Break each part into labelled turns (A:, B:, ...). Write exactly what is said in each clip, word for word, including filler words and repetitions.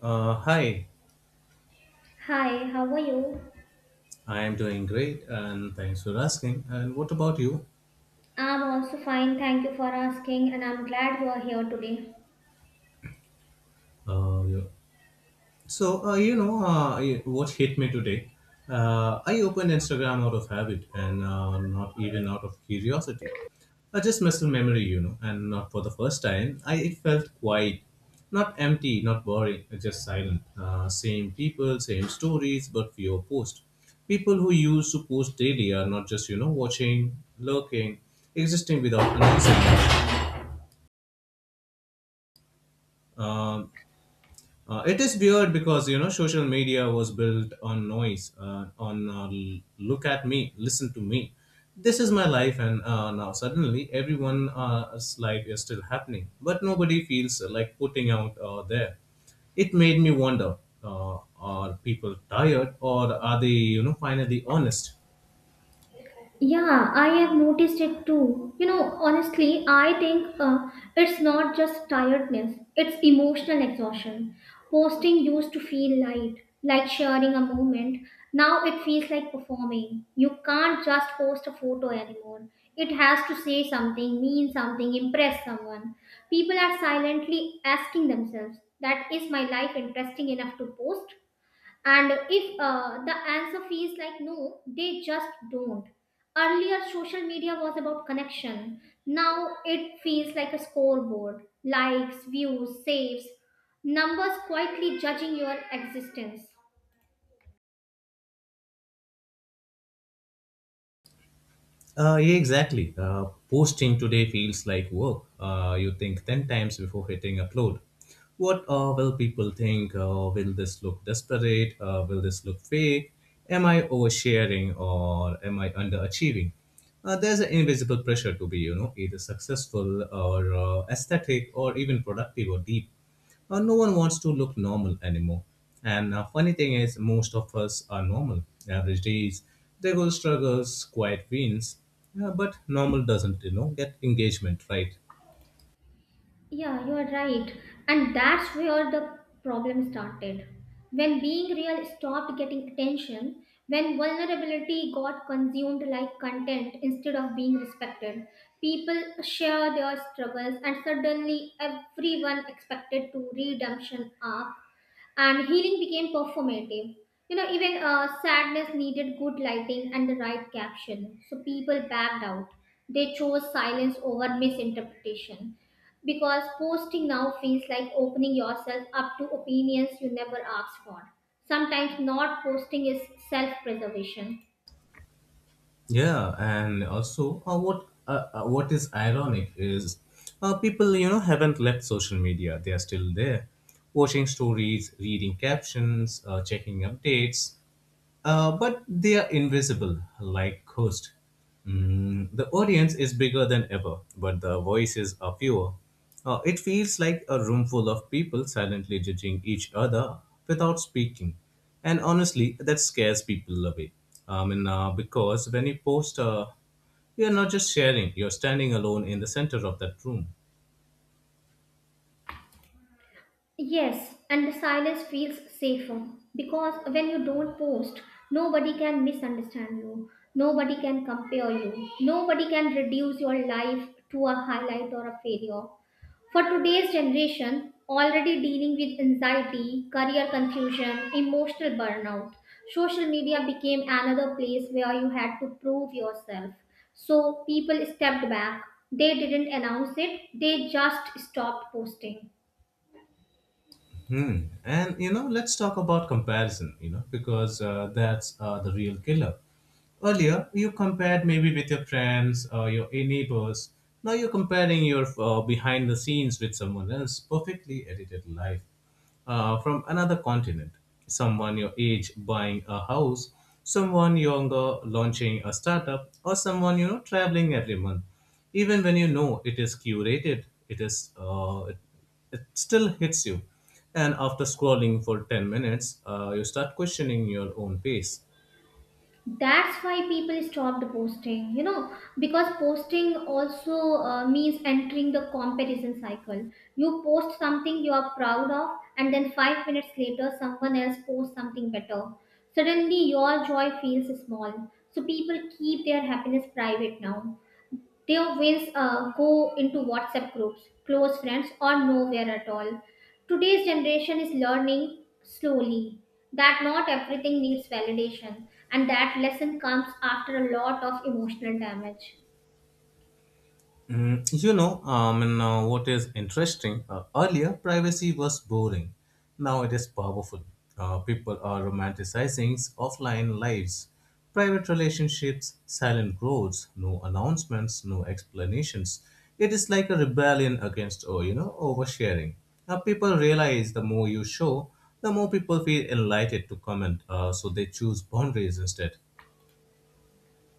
A: Uh, hi,
B: Hi, how are you?
A: I am doing great, and thanks for asking. And what about you?
B: I'm also fine, thank you for asking, and I'm glad you are here today.
A: Uh, yeah. So, uh, you know, uh, I- what hit me today? Uh, I opened Instagram out of habit, and uh, not even out of curiosity. I just missed a memory, you know, and not for the first time. I It felt quiet, not empty, not boring, uh, just silent. Uh, same people, same stories, but fewer posts. People who used to post daily are not just, you know, watching, lurking, existing without announcing. Um, uh, it is weird because, you know, social media was built on noise, uh, on uh, l- look at me, listen to me. This is my life, and uh, now suddenly everyone uh, else's life is still happening, but nobody feels uh, like putting out uh, there. It made me wonder: uh, are people tired, or are they, you know, finally honest?
B: Yeah, I have noticed it too. You know, honestly, I think uh, it's not just tiredness, it's emotional exhaustion. Posting used to feel light, like sharing a moment. Now it feels like performing. You can't just post a photo anymore. It has to say something, mean something, impress someone. People are silently asking themselves, that is my life interesting enough to post? And if uh, the answer feels like no, they just don't. Earlier, social media was about connection. Now it feels like a scoreboard, likes, views, saves, numbers quietly judging your existence.
A: Uh, yeah, exactly. Uh, posting today feels like work. Uh, you think ten times before hitting upload. What uh, will people think? Uh, will this look desperate? Uh, will this look fake? Am I oversharing, or am I underachieving? Uh, there's an invisible pressure to be, you know, either successful or uh, aesthetic, or even productive or deep. Uh, no one wants to look normal anymore. And uh, funny thing is, most of us are normal. Average days, there goes struggles, quiet wins. Uh, but normal doesn't, you know, get engagement, right?
B: Yeah, you are right. And that's where the problem started. When being real stopped getting attention, when vulnerability got consumed like content instead of being respected, people share their struggles and suddenly everyone expected to redemption arc and healing became performative. You know, even uh, sadness needed good lighting and the right caption, so people backed out. They chose silence over misinterpretation because posting now feels like opening yourself up to opinions you never asked for. Sometimes not posting is self preservation.
A: Yeah, and also uh, what uh, uh, what is ironic is, uh, people, you know, haven't left social media; they are still there, watching stories, reading captions, uh, checking updates. Uh, but they are invisible, like ghosts. Mm, the audience is bigger than ever, but the voices are fewer. Uh, it feels like a room full of people silently judging each other without speaking. And honestly, that scares people away. I mean, uh, because when you post, uh, you're not just sharing, you're standing alone in the center of that room.
B: Yes, and the silence feels safer because when you don't post, nobody can misunderstand you, nobody can compare you, nobody can reduce your life to a highlight or a failure. For today's generation, already dealing with anxiety, career confusion, emotional burnout, social media became another place where you had to prove yourself. So people stepped back. They didn't announce it, they just stopped posting.
A: Hmm. And, you know, let's talk about comparison. You know, because uh, that's uh, the real killer. Earlier, you compared maybe with your friends or your neighbors. Now you're comparing your uh, behind the scenes with someone else's perfectly edited life uh, from another continent. Someone your age buying a house, someone younger launching a startup, or someone, you know, traveling every month. Even when you know it is curated, it is uh, it, it still hits you. And after scrolling for ten minutes, uh, you start questioning your own pace.
B: That's why people stopped posting, you know, because posting also uh, means entering the comparison cycle. You post something you are proud of, and then five minutes later someone else posts something better. Suddenly your joy feels small, so people keep their happiness private now. Teo wins uh, go into WhatsApp groups, close friends, or nowhere at all. Today's generation is learning slowly that not everything needs validation, and that lesson comes after a lot of emotional damage.
A: Mm, you know, um, and uh, what is interesting? Uh, earlier, privacy was boring. Now it is powerful. Uh, people are romanticizing offline lives, private relationships, silent growths, no announcements, no explanations. It is like a rebellion against, oh, you know, oversharing. Now people realize the more you show, the more people feel enlightened to comment, uh, so they choose boundaries instead.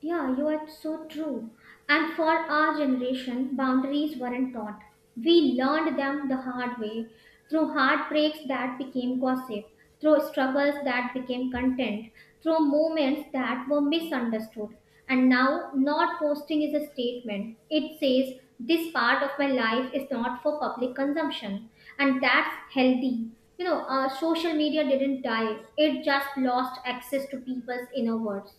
B: Yeah, you are so true. And for our generation, boundaries weren't taught. We learned them the hard way through heartbreaks that became gossip, through struggles that became content, through moments that were misunderstood. And now, not posting is a statement. It says, this part of my life is not for public consumption. And that's healthy. You know, uh, social media didn't die, it just lost access to people's inner words.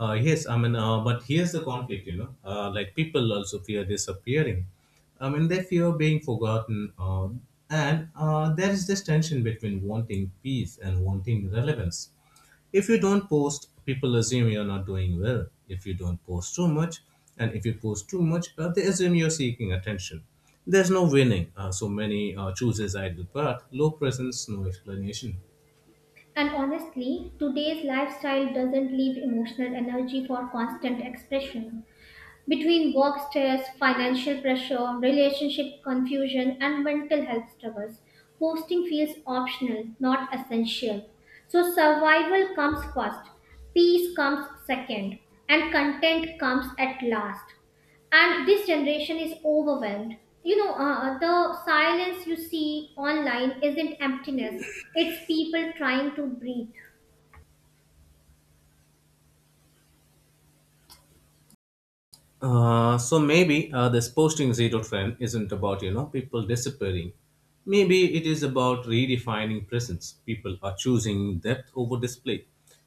A: Uh, yes, I mean, uh, but here's the conflict, you know, uh, like, people also fear disappearing. I mean, they fear being forgotten, uh, and uh, there is this tension between wanting peace and wanting relevance. If you don't post, people assume you're not doing well. If you don't post too much, and if you post too much, uh, they assume you're seeking attention. There's no winning, uh, so many uh, chooses idle path, low presence, no explanation.
B: And honestly, today's lifestyle doesn't leave emotional energy for constant expression between work stress, financial pressure, relationship confusion, and mental health struggles. Posting feels optional, not essential. So survival comes first, peace comes second, and content comes at last. And this generation is overwhelmed. You know, uh, uh, the silence you see online isn't emptiness, it's people trying to breathe.
A: Uh, so maybe uh, this posting zero trend isn't about, you know, people disappearing. Maybe it is about redefining presence. People are choosing depth over display,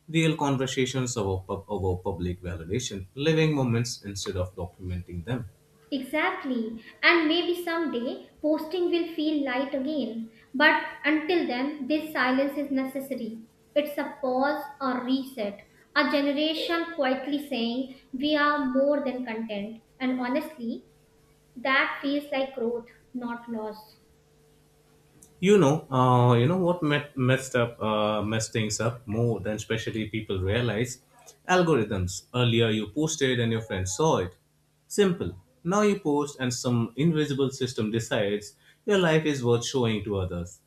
A: real conversations over pub- over public validation, living moments instead of documenting them.
B: Exactly. And maybe someday posting will feel light again. But until then, this silence is necessary. It's a pause or reset. A generation quietly saying, we are more than content. And honestly, that feels like growth, not loss.
A: You know, uh, you know what met, messed up, uh, messed things up more than especially people realize. Algorithms. Earlier, you posted and your friends saw it. Simple. Now you post and some invisible system decides your life is worth showing to others.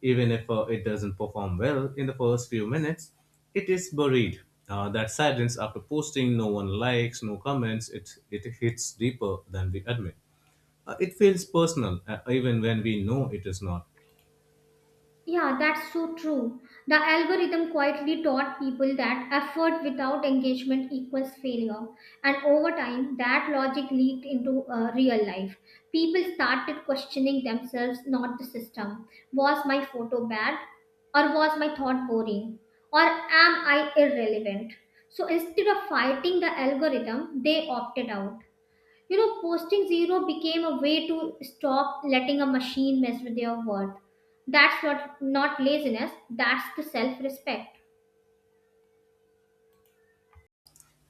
A: Even if uh, it doesn't perform well in the first few minutes, it is buried. Uh, that silence after posting, no one likes, no comments. It it hits deeper than we admit. Uh, it feels personal, uh, even when we know it is not.
B: Yeah, that's so true. The algorithm quietly taught people that effort without engagement equals failure. And over time, that logic leaked into uh, real life. People started questioning themselves, not the system. Was my photo bad? Or was my thought boring? Or am I irrelevant? So instead of fighting the algorithm, they opted out. You know, posting zero became a way to stop letting a machine mess with your worth. That's not, not laziness, that's the self respect.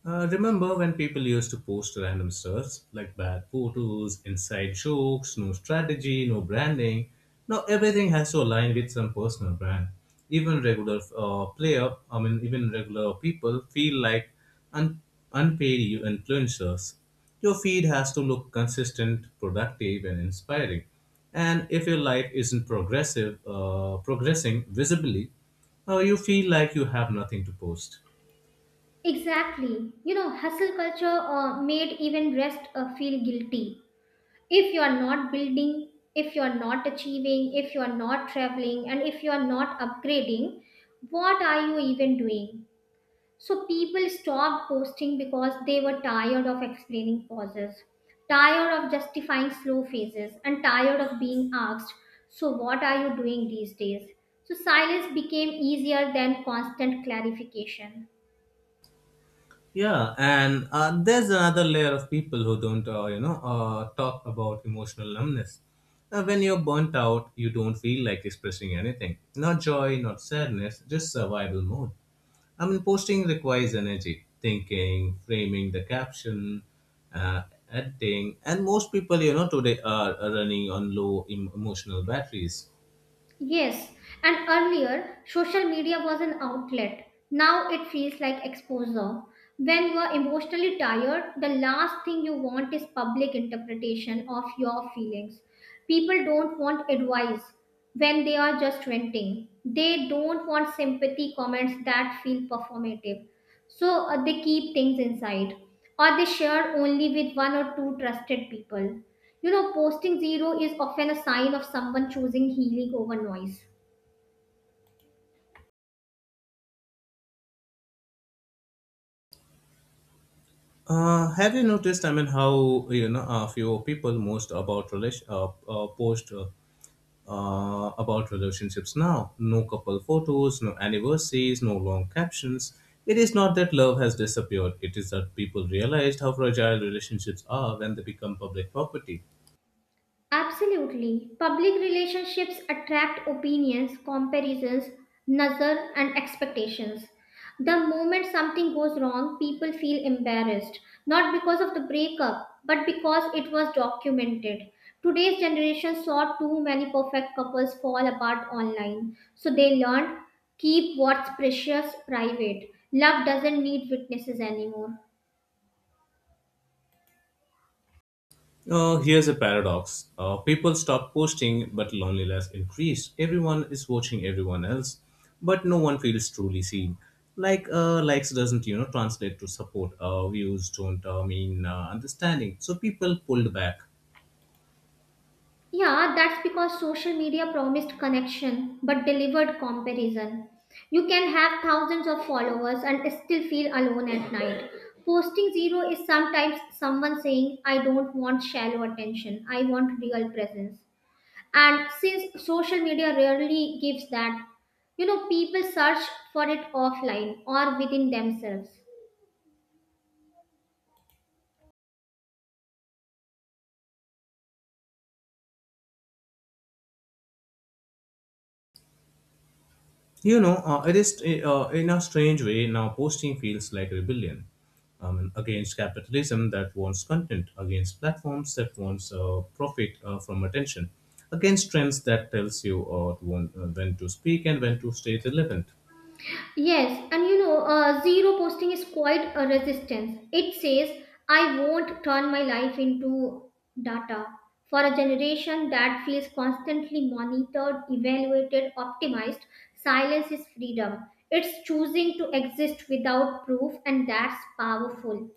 A: Uh, remember when people used to post random stuff, like bad photos, inside jokes, no strategy, no branding? Now everything has to align with some personal brand. Even regular uh, player, I mean, even regular people feel like un- unpaid influencers. Your feed has to look consistent, productive, and inspiring. And if your life isn't progressive, uh, progressing visibly, uh, you feel like you have nothing to post.
B: Exactly. You know, hustle culture uh, made even rest uh, feel guilty. If you are not building, if you are not achieving, if you are not traveling, and if you are not upgrading, what are you even doing? So people stopped posting because they were tired of explaining pauses, tired of justifying slow phases, and tired of being asked, so what are you doing these days? So silence became easier than constant clarification.
A: Yeah, and uh, there's another layer of people who don't, uh, you know, uh, talk about emotional numbness. Uh, when you're burnt out, you don't feel like expressing anything. Not joy, not sadness, just survival mode. I mean, posting requires energy, thinking, framing the caption, uh, editing, and most people, you know, today are are running on low em- emotional batteries.
B: Yes, and earlier social media was an outlet. Now it feels like exposure. When you are emotionally tired, the last thing you want is public interpretation of your feelings. People don't want advice when they are just venting. They don't want sympathy comments that feel performative. So uh, they keep things inside or they share only with one or two trusted people. You know, posting zero is often a sign of someone choosing healing over noise.
A: Uh, have you noticed? I mean, how, you know, a few people most about relation uh, uh, post uh, uh, about relationships now. No couple photos, no anniversaries, no long captions. It is not that love has disappeared, it is that people realized how fragile relationships are when they become public property.
B: Absolutely. Public relationships attract opinions, comparisons, nazar, and expectations. The moment something goes wrong, people feel embarrassed, not because of the breakup, but because it was documented. Today's generation saw too many perfect couples fall apart online, so they learned, keep what's precious private. Love doesn't need witnesses anymore.
A: Uh, here's a paradox: uh, people stop posting, but loneliness increased. Everyone is watching everyone else, but no one feels truly seen. Like, uh, likes doesn't, you know, translate to support. Uh, views don't uh, mean uh, understanding. So people pulled back.
B: Yeah, that's because social media promised connection but delivered comparison. You can have thousands of followers and still feel alone at night. Posting zero is sometimes someone saying, I don't want shallow attention, I want real presence. And since social media rarely gives that, you know, people search for it offline or within themselves.
A: You know, uh, it is uh, uh, in a strange way, now posting feels like rebellion, um, against capitalism that wants content, against platforms that wants uh, profit uh, from attention, against trends that tells you uh, when, uh, when to speak and when to stay relevant.
B: Yes, and you know, uh, zero posting is quite a resistance. It says, I won't turn my life into data. For a generation that feels constantly monitored, evaluated, optimized, silence is freedom. It's choosing to exist without proof, and that's powerful.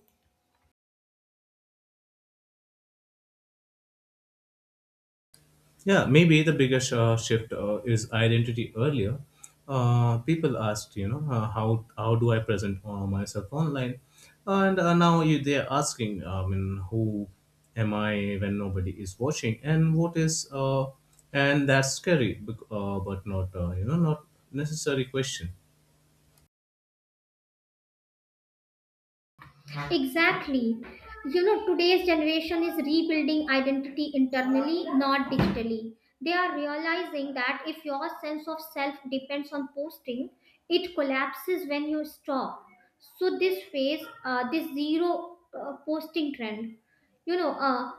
A: Yeah, maybe the biggest uh, shift uh, is identity earlier. Uh, people asked, you know, uh, how how do I present uh, myself online, and uh, now you, they're asking, uh, I mean, who am I when nobody is watching, and what is, uh, and that's scary, bec- uh, but not, uh, you know, not necessary question.
B: Exactly. You know, today's generation is rebuilding identity internally, not digitally. They are realizing that if your sense of self depends on posting, it collapses when you stop. So, this phase, uh, this zero uh, posting trend, you know, uh,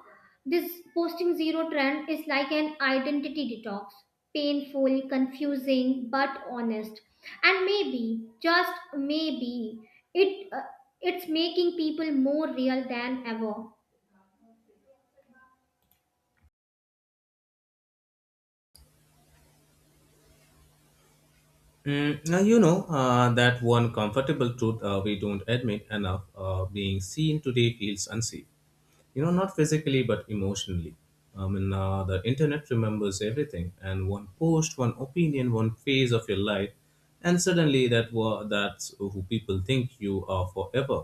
B: this posting zero trend is like an identity detox, painful, confusing, but honest. And maybe, just maybe, it, uh, it's making people more real than ever.
A: Mm, now, you know, uh, that one comfortable truth uh, we don't admit enough. Uh, being seen today feels unsafe. You know, not physically but emotionally. I mean, uh, the internet remembers everything, and one post, one opinion, one phase of your life, and suddenly that wa- that's who people think you are forever.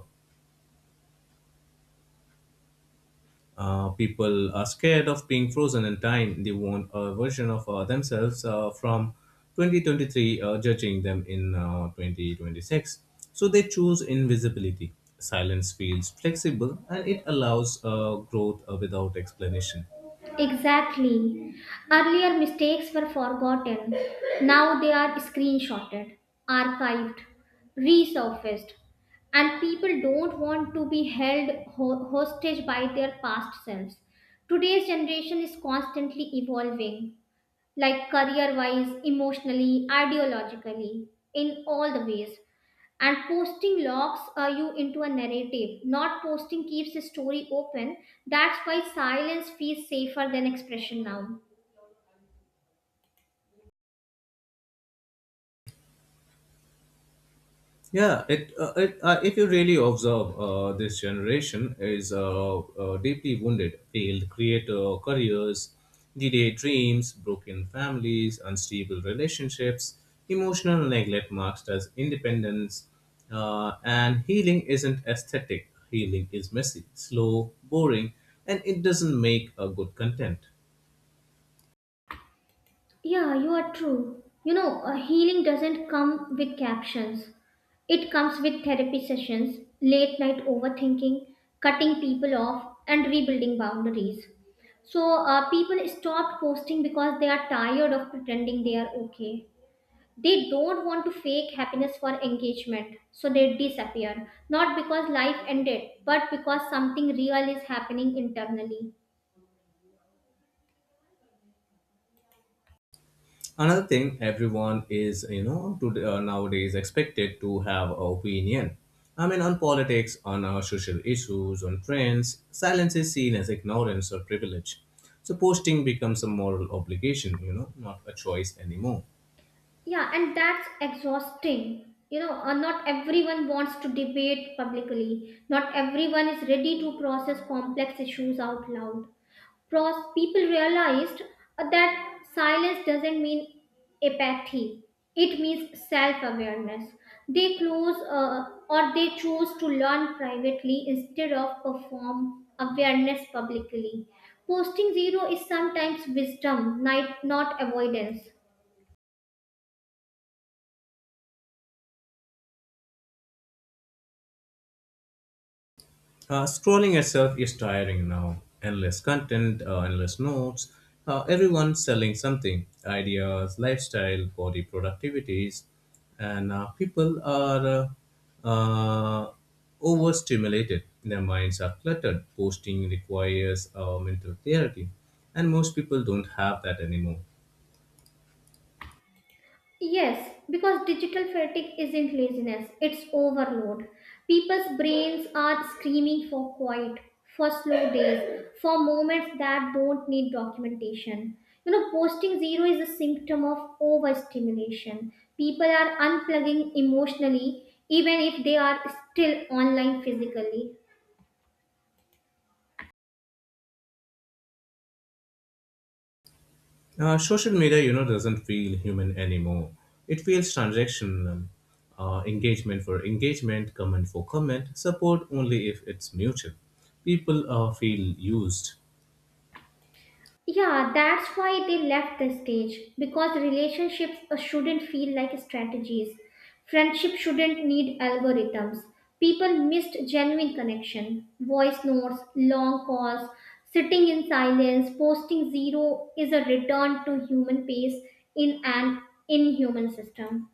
A: uh, People are scared of being frozen in time. They want a version of uh, themselves uh, from twenty twenty-three uh, judging them in uh, twenty twenty-six. So they choose invisibility. Silence feels flexible and it allows uh, growth uh, without explanation.
B: Exactly. Earlier mistakes were forgotten. Now they are screenshotted, archived, resurfaced, and people don't want to be held ho- hostage by their past selves. Today's generation is constantly evolving, like career wise, emotionally, ideologically, in all the ways, and posting locks uh, you into a narrative. Not posting keeps the story open. That's why silence feels safer than expression now.
A: Yeah, it, uh, it uh, if you really observe, uh, this generation is uh, uh, deeply wounded. Failed creator careers, delayed dreams, broken families, unstable relationships, emotional neglect marked as independence, uh, and healing isn't aesthetic. Healing is messy, slow, boring, and it doesn't make a good content.
B: Yeah, you are true. You know, uh, healing doesn't come with captions, it comes with therapy sessions, late night overthinking, cutting people off, and rebuilding boundaries. So uh, people stop posting because they are tired of pretending they are okay. They don't want to fake happiness for engagement, so they disappear. Not because life ended, but because something real is happening internally.
A: Another thing, everyone is, you know, to, uh, nowadays expected to have a opinion. I mean, on politics, on uh, social issues, on trends, silence is seen as ignorance or privilege. So posting becomes a moral obligation, you know, not a choice anymore.
B: Yeah, and that's exhausting. You know, uh, not everyone wants to debate publicly. Not everyone is ready to process complex issues out loud. Pros, people realized uh, that silence doesn't mean apathy. It means self-awareness. They close uh, or they chose to learn privately instead of perform awareness publicly. Posting zero is sometimes wisdom, not, not avoidance.
A: Uh, scrolling itself is tiring now. Endless content, uh, endless notes. Uh, everyone's selling something: ideas, lifestyle, body productivities. And uh, people are uh, uh, overstimulated. Their minds are cluttered. Posting requires uh, mental clarity. And most people don't have that anymore.
B: Yes, because digital fatigue isn't laziness, it's overload. People's brains are screaming for quiet, for slow days, for moments that don't need documentation. You know, posting zero is a symptom of overstimulation. People are unplugging emotionally, even if they are still online physically.
A: Uh, social media, you know, doesn't feel human anymore. It feels transactional. Uh, engagement for engagement, comment for comment, support only if it's mutual. People uh, feel used.
B: Yeah, that's why they left the stage because relationships uh, shouldn't feel like strategies. Friendship shouldn't need algorithms. People missed genuine connection, voice notes, long calls, sitting in silence. Posting zero is a return to human pace in an inhuman system.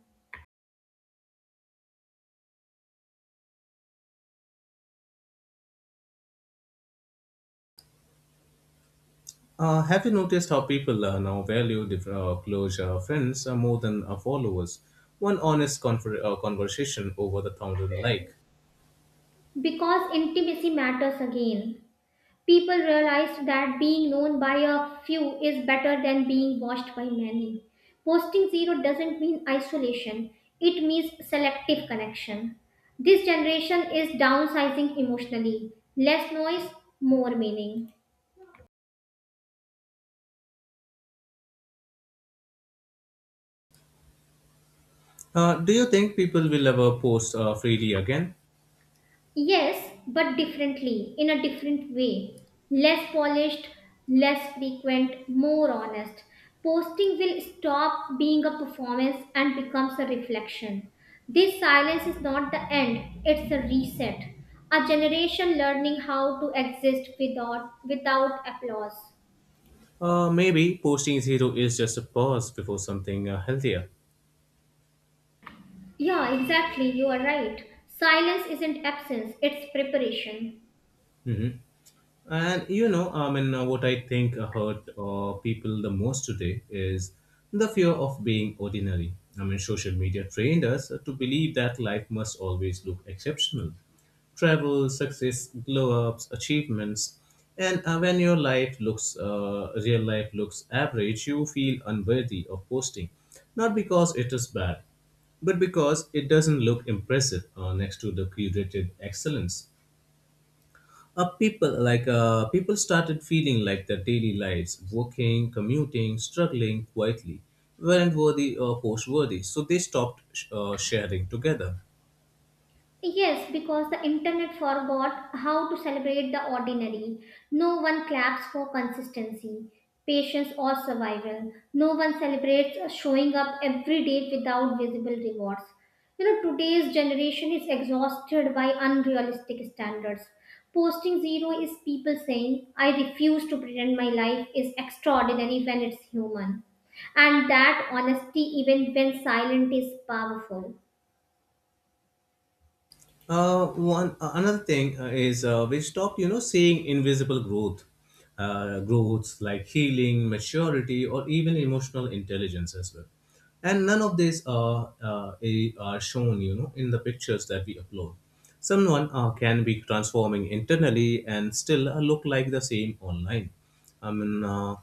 A: Uh, have you noticed how people uh, now value diff- uh, close uh, friends uh, more than uh, followers? One honest confer- uh, conversation over the thousand like.
B: Because intimacy matters again. People realized that being known by a few is better than being watched by many. Posting zero doesn't mean isolation, it means selective connection. This generation is downsizing emotionally. Less noise, more meaning.
A: Uh, do you think people will ever post uh, freely again?
B: Yes, but differently, in a different way. Less polished, less frequent, more honest. Posting will stop being a performance and becomes a reflection. This silence is not the end, it's a reset. A generation learning how to exist without without applause.
A: Uh, maybe posting zero is just a pause before something uh, healthier.
B: Yeah, exactly, you are right. Silence isn't absence, it's preparation.
A: And you know, I mean, uh, what I think hurt uh, people the most today is the fear of being ordinary. I mean, social media trained us to believe that life must always look exceptional. Travel, success, glow ups, achievements. And uh, when your life looks, uh, real life looks average, you feel unworthy of posting. Not because it is bad, but because it doesn't look impressive uh, next to the curated excellence. uh, people like uh, people started feeling like their daily lives, working, commuting, struggling quietly, weren't worthy or post worthy, so they stopped sh- uh, sharing together.
B: Yes, because the internet forgot how to celebrate the ordinary. No one claps for consistency, patience, or survival. No one celebrates showing up every day without visible rewards. You know, today's generation is exhausted by unrealistic standards. Posting zero is people saying, I refuse to pretend my life is extraordinary when it's human. And that honesty, even when silent, is powerful.
A: Uh, one uh, Another thing uh, is, uh, we stopped, you know, seeing invisible growth, uh, growths like healing, maturity, or even emotional intelligence as well. And none of these are uh, a- are shown, you know, in the pictures that we upload. Someone uh, can be transforming internally and still uh, look like the same online. I mean, uh,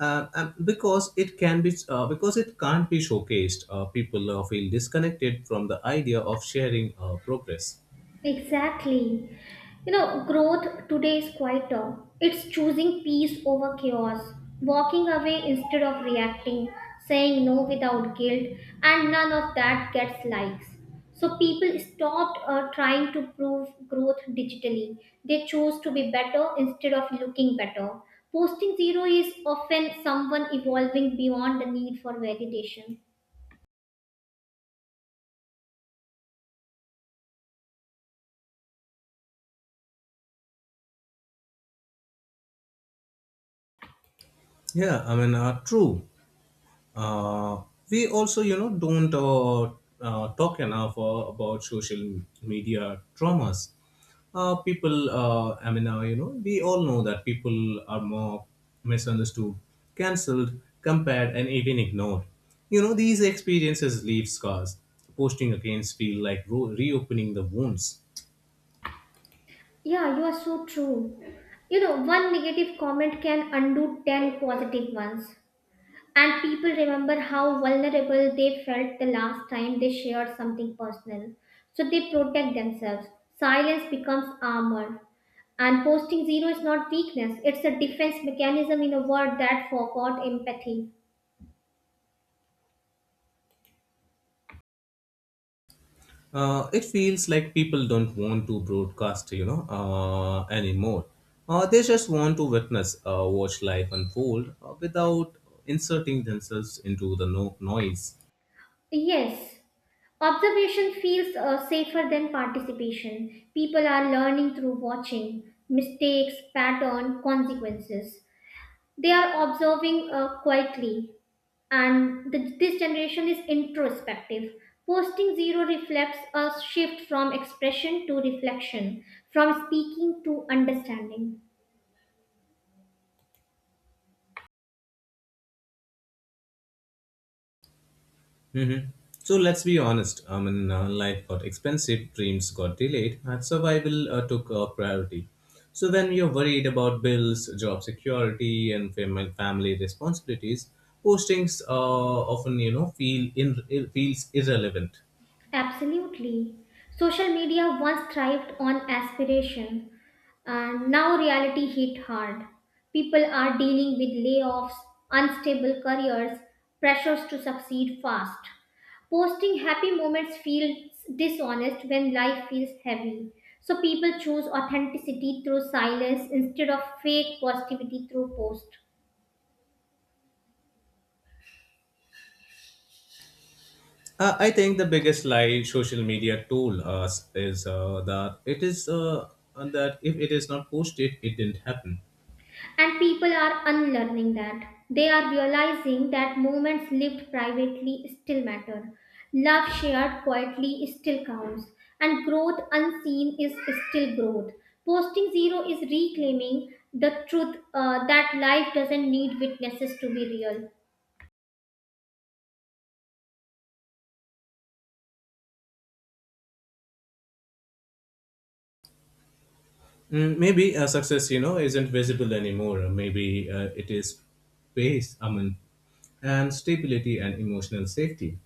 A: uh, um, because it can be uh, because it can't be showcased, uh, people uh, feel disconnected from the idea of sharing uh, progress.
B: Exactly. You know, growth today is quieter. It's choosing peace over chaos, walking away instead of reacting, saying no without guilt, and none of that gets likes. So people stopped uh, trying to prove growth digitally. They chose to be better instead of looking better. Posting zero is often someone evolving beyond the need for validation.
A: Yeah, I mean, uh, true. Uh, we also, you know, don't uh, uh, talk enough uh, about social media traumas. Uh, people, uh, I mean, uh, you know, we all know that people are more misunderstood, cancelled, compared, and even ignored. You know, these experiences leave scars. Posting against feel like ro- reopening the wounds.
B: Yeah, you are so true. You know, one negative comment can undo ten positive ones. And people remember how vulnerable they felt the last time they shared something personal. So they protect themselves. Silence becomes armor. And posting zero is not weakness, it's a defense mechanism in a world that forgot empathy.
A: Uh, it feels like people don't want to broadcast, you know, uh, anymore. Uh, they just want to witness, uh, watch life unfold uh, without inserting themselves into the no- noise.
B: Yes, observation feels uh, safer than participation. People are learning through watching mistakes, pattern, consequences. They are observing uh, quietly, and the, this generation is introspective. Posting zero reflects a shift from expression to reflection, from speaking to understanding.
A: Mhm. So let's be honest. I mean, uh, life got expensive, dreams got delayed, and survival uh, took uh, priority. So when you're worried about bills, job security, and fam- family responsibilities, postings uh, often, you know, feel in- feels irrelevant.
B: Absolutely. Social media once thrived on aspiration, and now reality hit hard. People are dealing with layoffs, unstable careers, pressures to succeed fast. Posting happy moments feels dishonest when life feels heavy. So people choose authenticity through silence instead of fake positivity through post.
A: Uh, I think the biggest lie social media told us is uh, that it is uh, that if it is not posted, it didn't happen.
B: And people are unlearning that. They are realizing that moments lived privately still matter. Love shared quietly still counts. And growth unseen is still growth. Posting zero is reclaiming the truth uh, that life doesn't need witnesses to be real.
A: Mm, maybe uh, success, you know, isn't visible anymore. Uh, Maybe uh, it is base, I mean, and stability and emotional safety.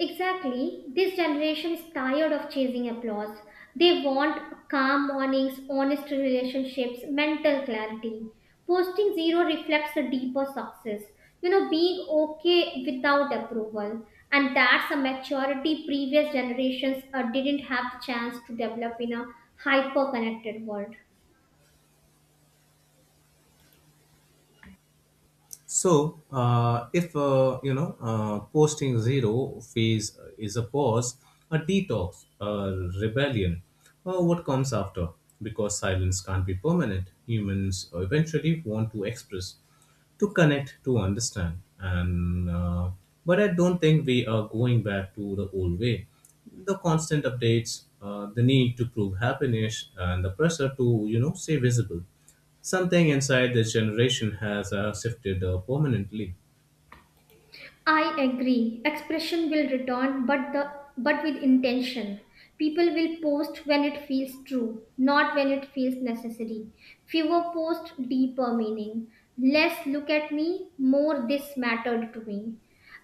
B: Exactly. This generation is tired of chasing applause. They want calm mornings, honest relationships, mental clarity. Posting zero reflects a deeper success. You know, being okay without approval. And that's a maturity previous generations uh, didn't have the chance to develop in a hyper connected world.
A: So, uh, if, uh, you know, uh, posting zero phase is a pause, a detox, a rebellion, or what comes after? Because silence can't be permanent. Humans eventually want to express, to connect, to understand, and uh, but I don't think we are going back to the old way. The constant updates, uh, the need to prove happiness, and the pressure to, you know, stay visible. Something inside this generation has uh, shifted uh, permanently.
B: I agree. Expression will return, but the but with intention. People will post when it feels true, not when it feels necessary. Fewer post, deeper meaning. Less look at me, more this mattered to me.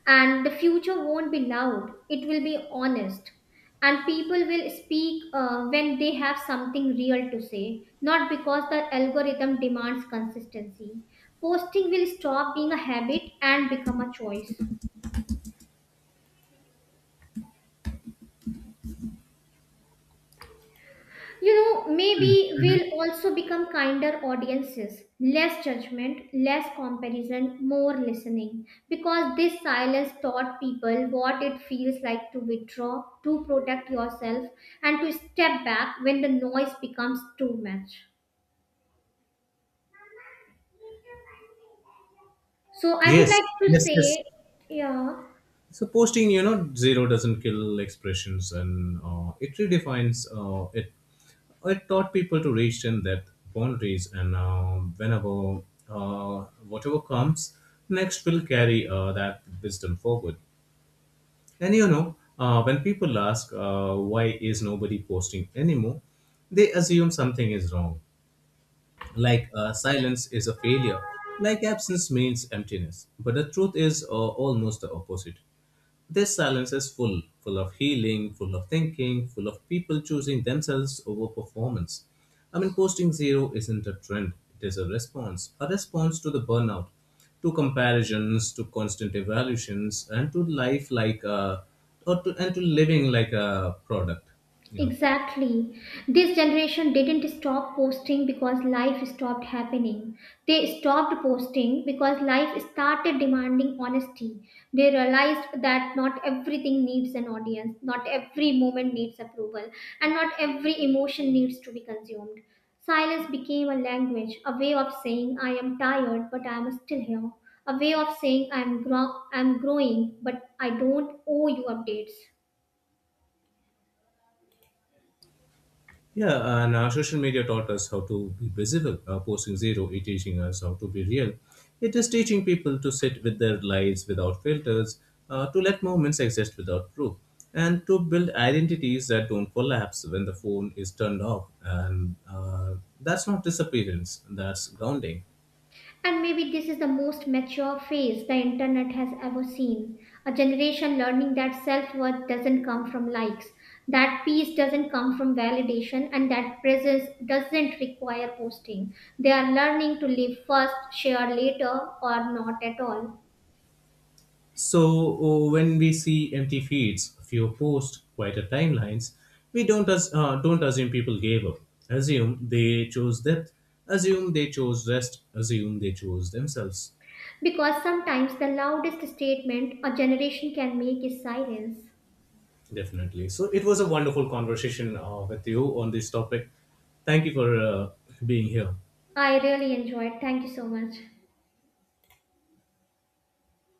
B: And the future won't be loud, it will be honest. And people will speak uh, when they have something real to say, not because the algorithm demands consistency. Posting will stop being a habit and become a choice. You know, maybe we'll also become kinder audiences, less judgment, less comparison, more listening. Because this silence taught people what it feels like to withdraw, to protect yourself, and to step back when the noise becomes too much. So I would like
A: Yes,
B: to
A: yes, yes.
B: say, yeah.
A: So posting, you know, zero doesn't kill expressions, and uh, it redefines uh, it. It taught people to reach in that boundaries, and uh, whenever uh, whatever comes next will carry uh, that wisdom forward. And you know, uh, when people ask, uh, why is nobody posting anymore, they assume something is wrong, like uh, silence is a failure, like absence means emptiness. But the truth is uh, almost the opposite. This silence is full: full of healing, full of thinking, full of people choosing themselves over performance. I mean, posting zero isn't a trend, it is a response, a response to the burnout, to comparisons, to constant evaluations, and to life like a, or to, and to living like a product. You know,
B: Exactly. This generation didn't stop posting because life stopped happening. They stopped posting because life started demanding honesty. They realized that not everything needs an audience, not every moment needs approval, and not every emotion needs to be consumed. Silence became a language, a way of saying, I am tired, but I am still here. A way of saying, I am grow, I'm growing, but I don't owe you updates.
A: yeah, and uh, social media taught us how to be visible. Uh, posting zero, it teaching us how to be real. It is teaching people to sit with their lives without filters, uh, to let moments exist without proof, and to build identities that don't collapse when the phone is turned off. And uh, that's not disappearance, that's grounding.
B: And maybe this is the most mature phase the internet has ever seen. A generation learning that self worth doesn't come from likes, that peace doesn't come from validation, and that presence doesn't require posting. They are learning to live first, share later, or not at all.
A: So, oh, when we see empty feeds, few posts, quieter timelines, we don't as, uh, don't assume people gave up. Assume they chose depth. Assume they chose rest. Assume they chose themselves.
B: Because sometimes the loudest statement a generation can make is silence.
A: Definitely. So it was a wonderful conversation uh, with you on this topic. Thank you for uh, being here.
B: I really enjoyed. Thank you so much.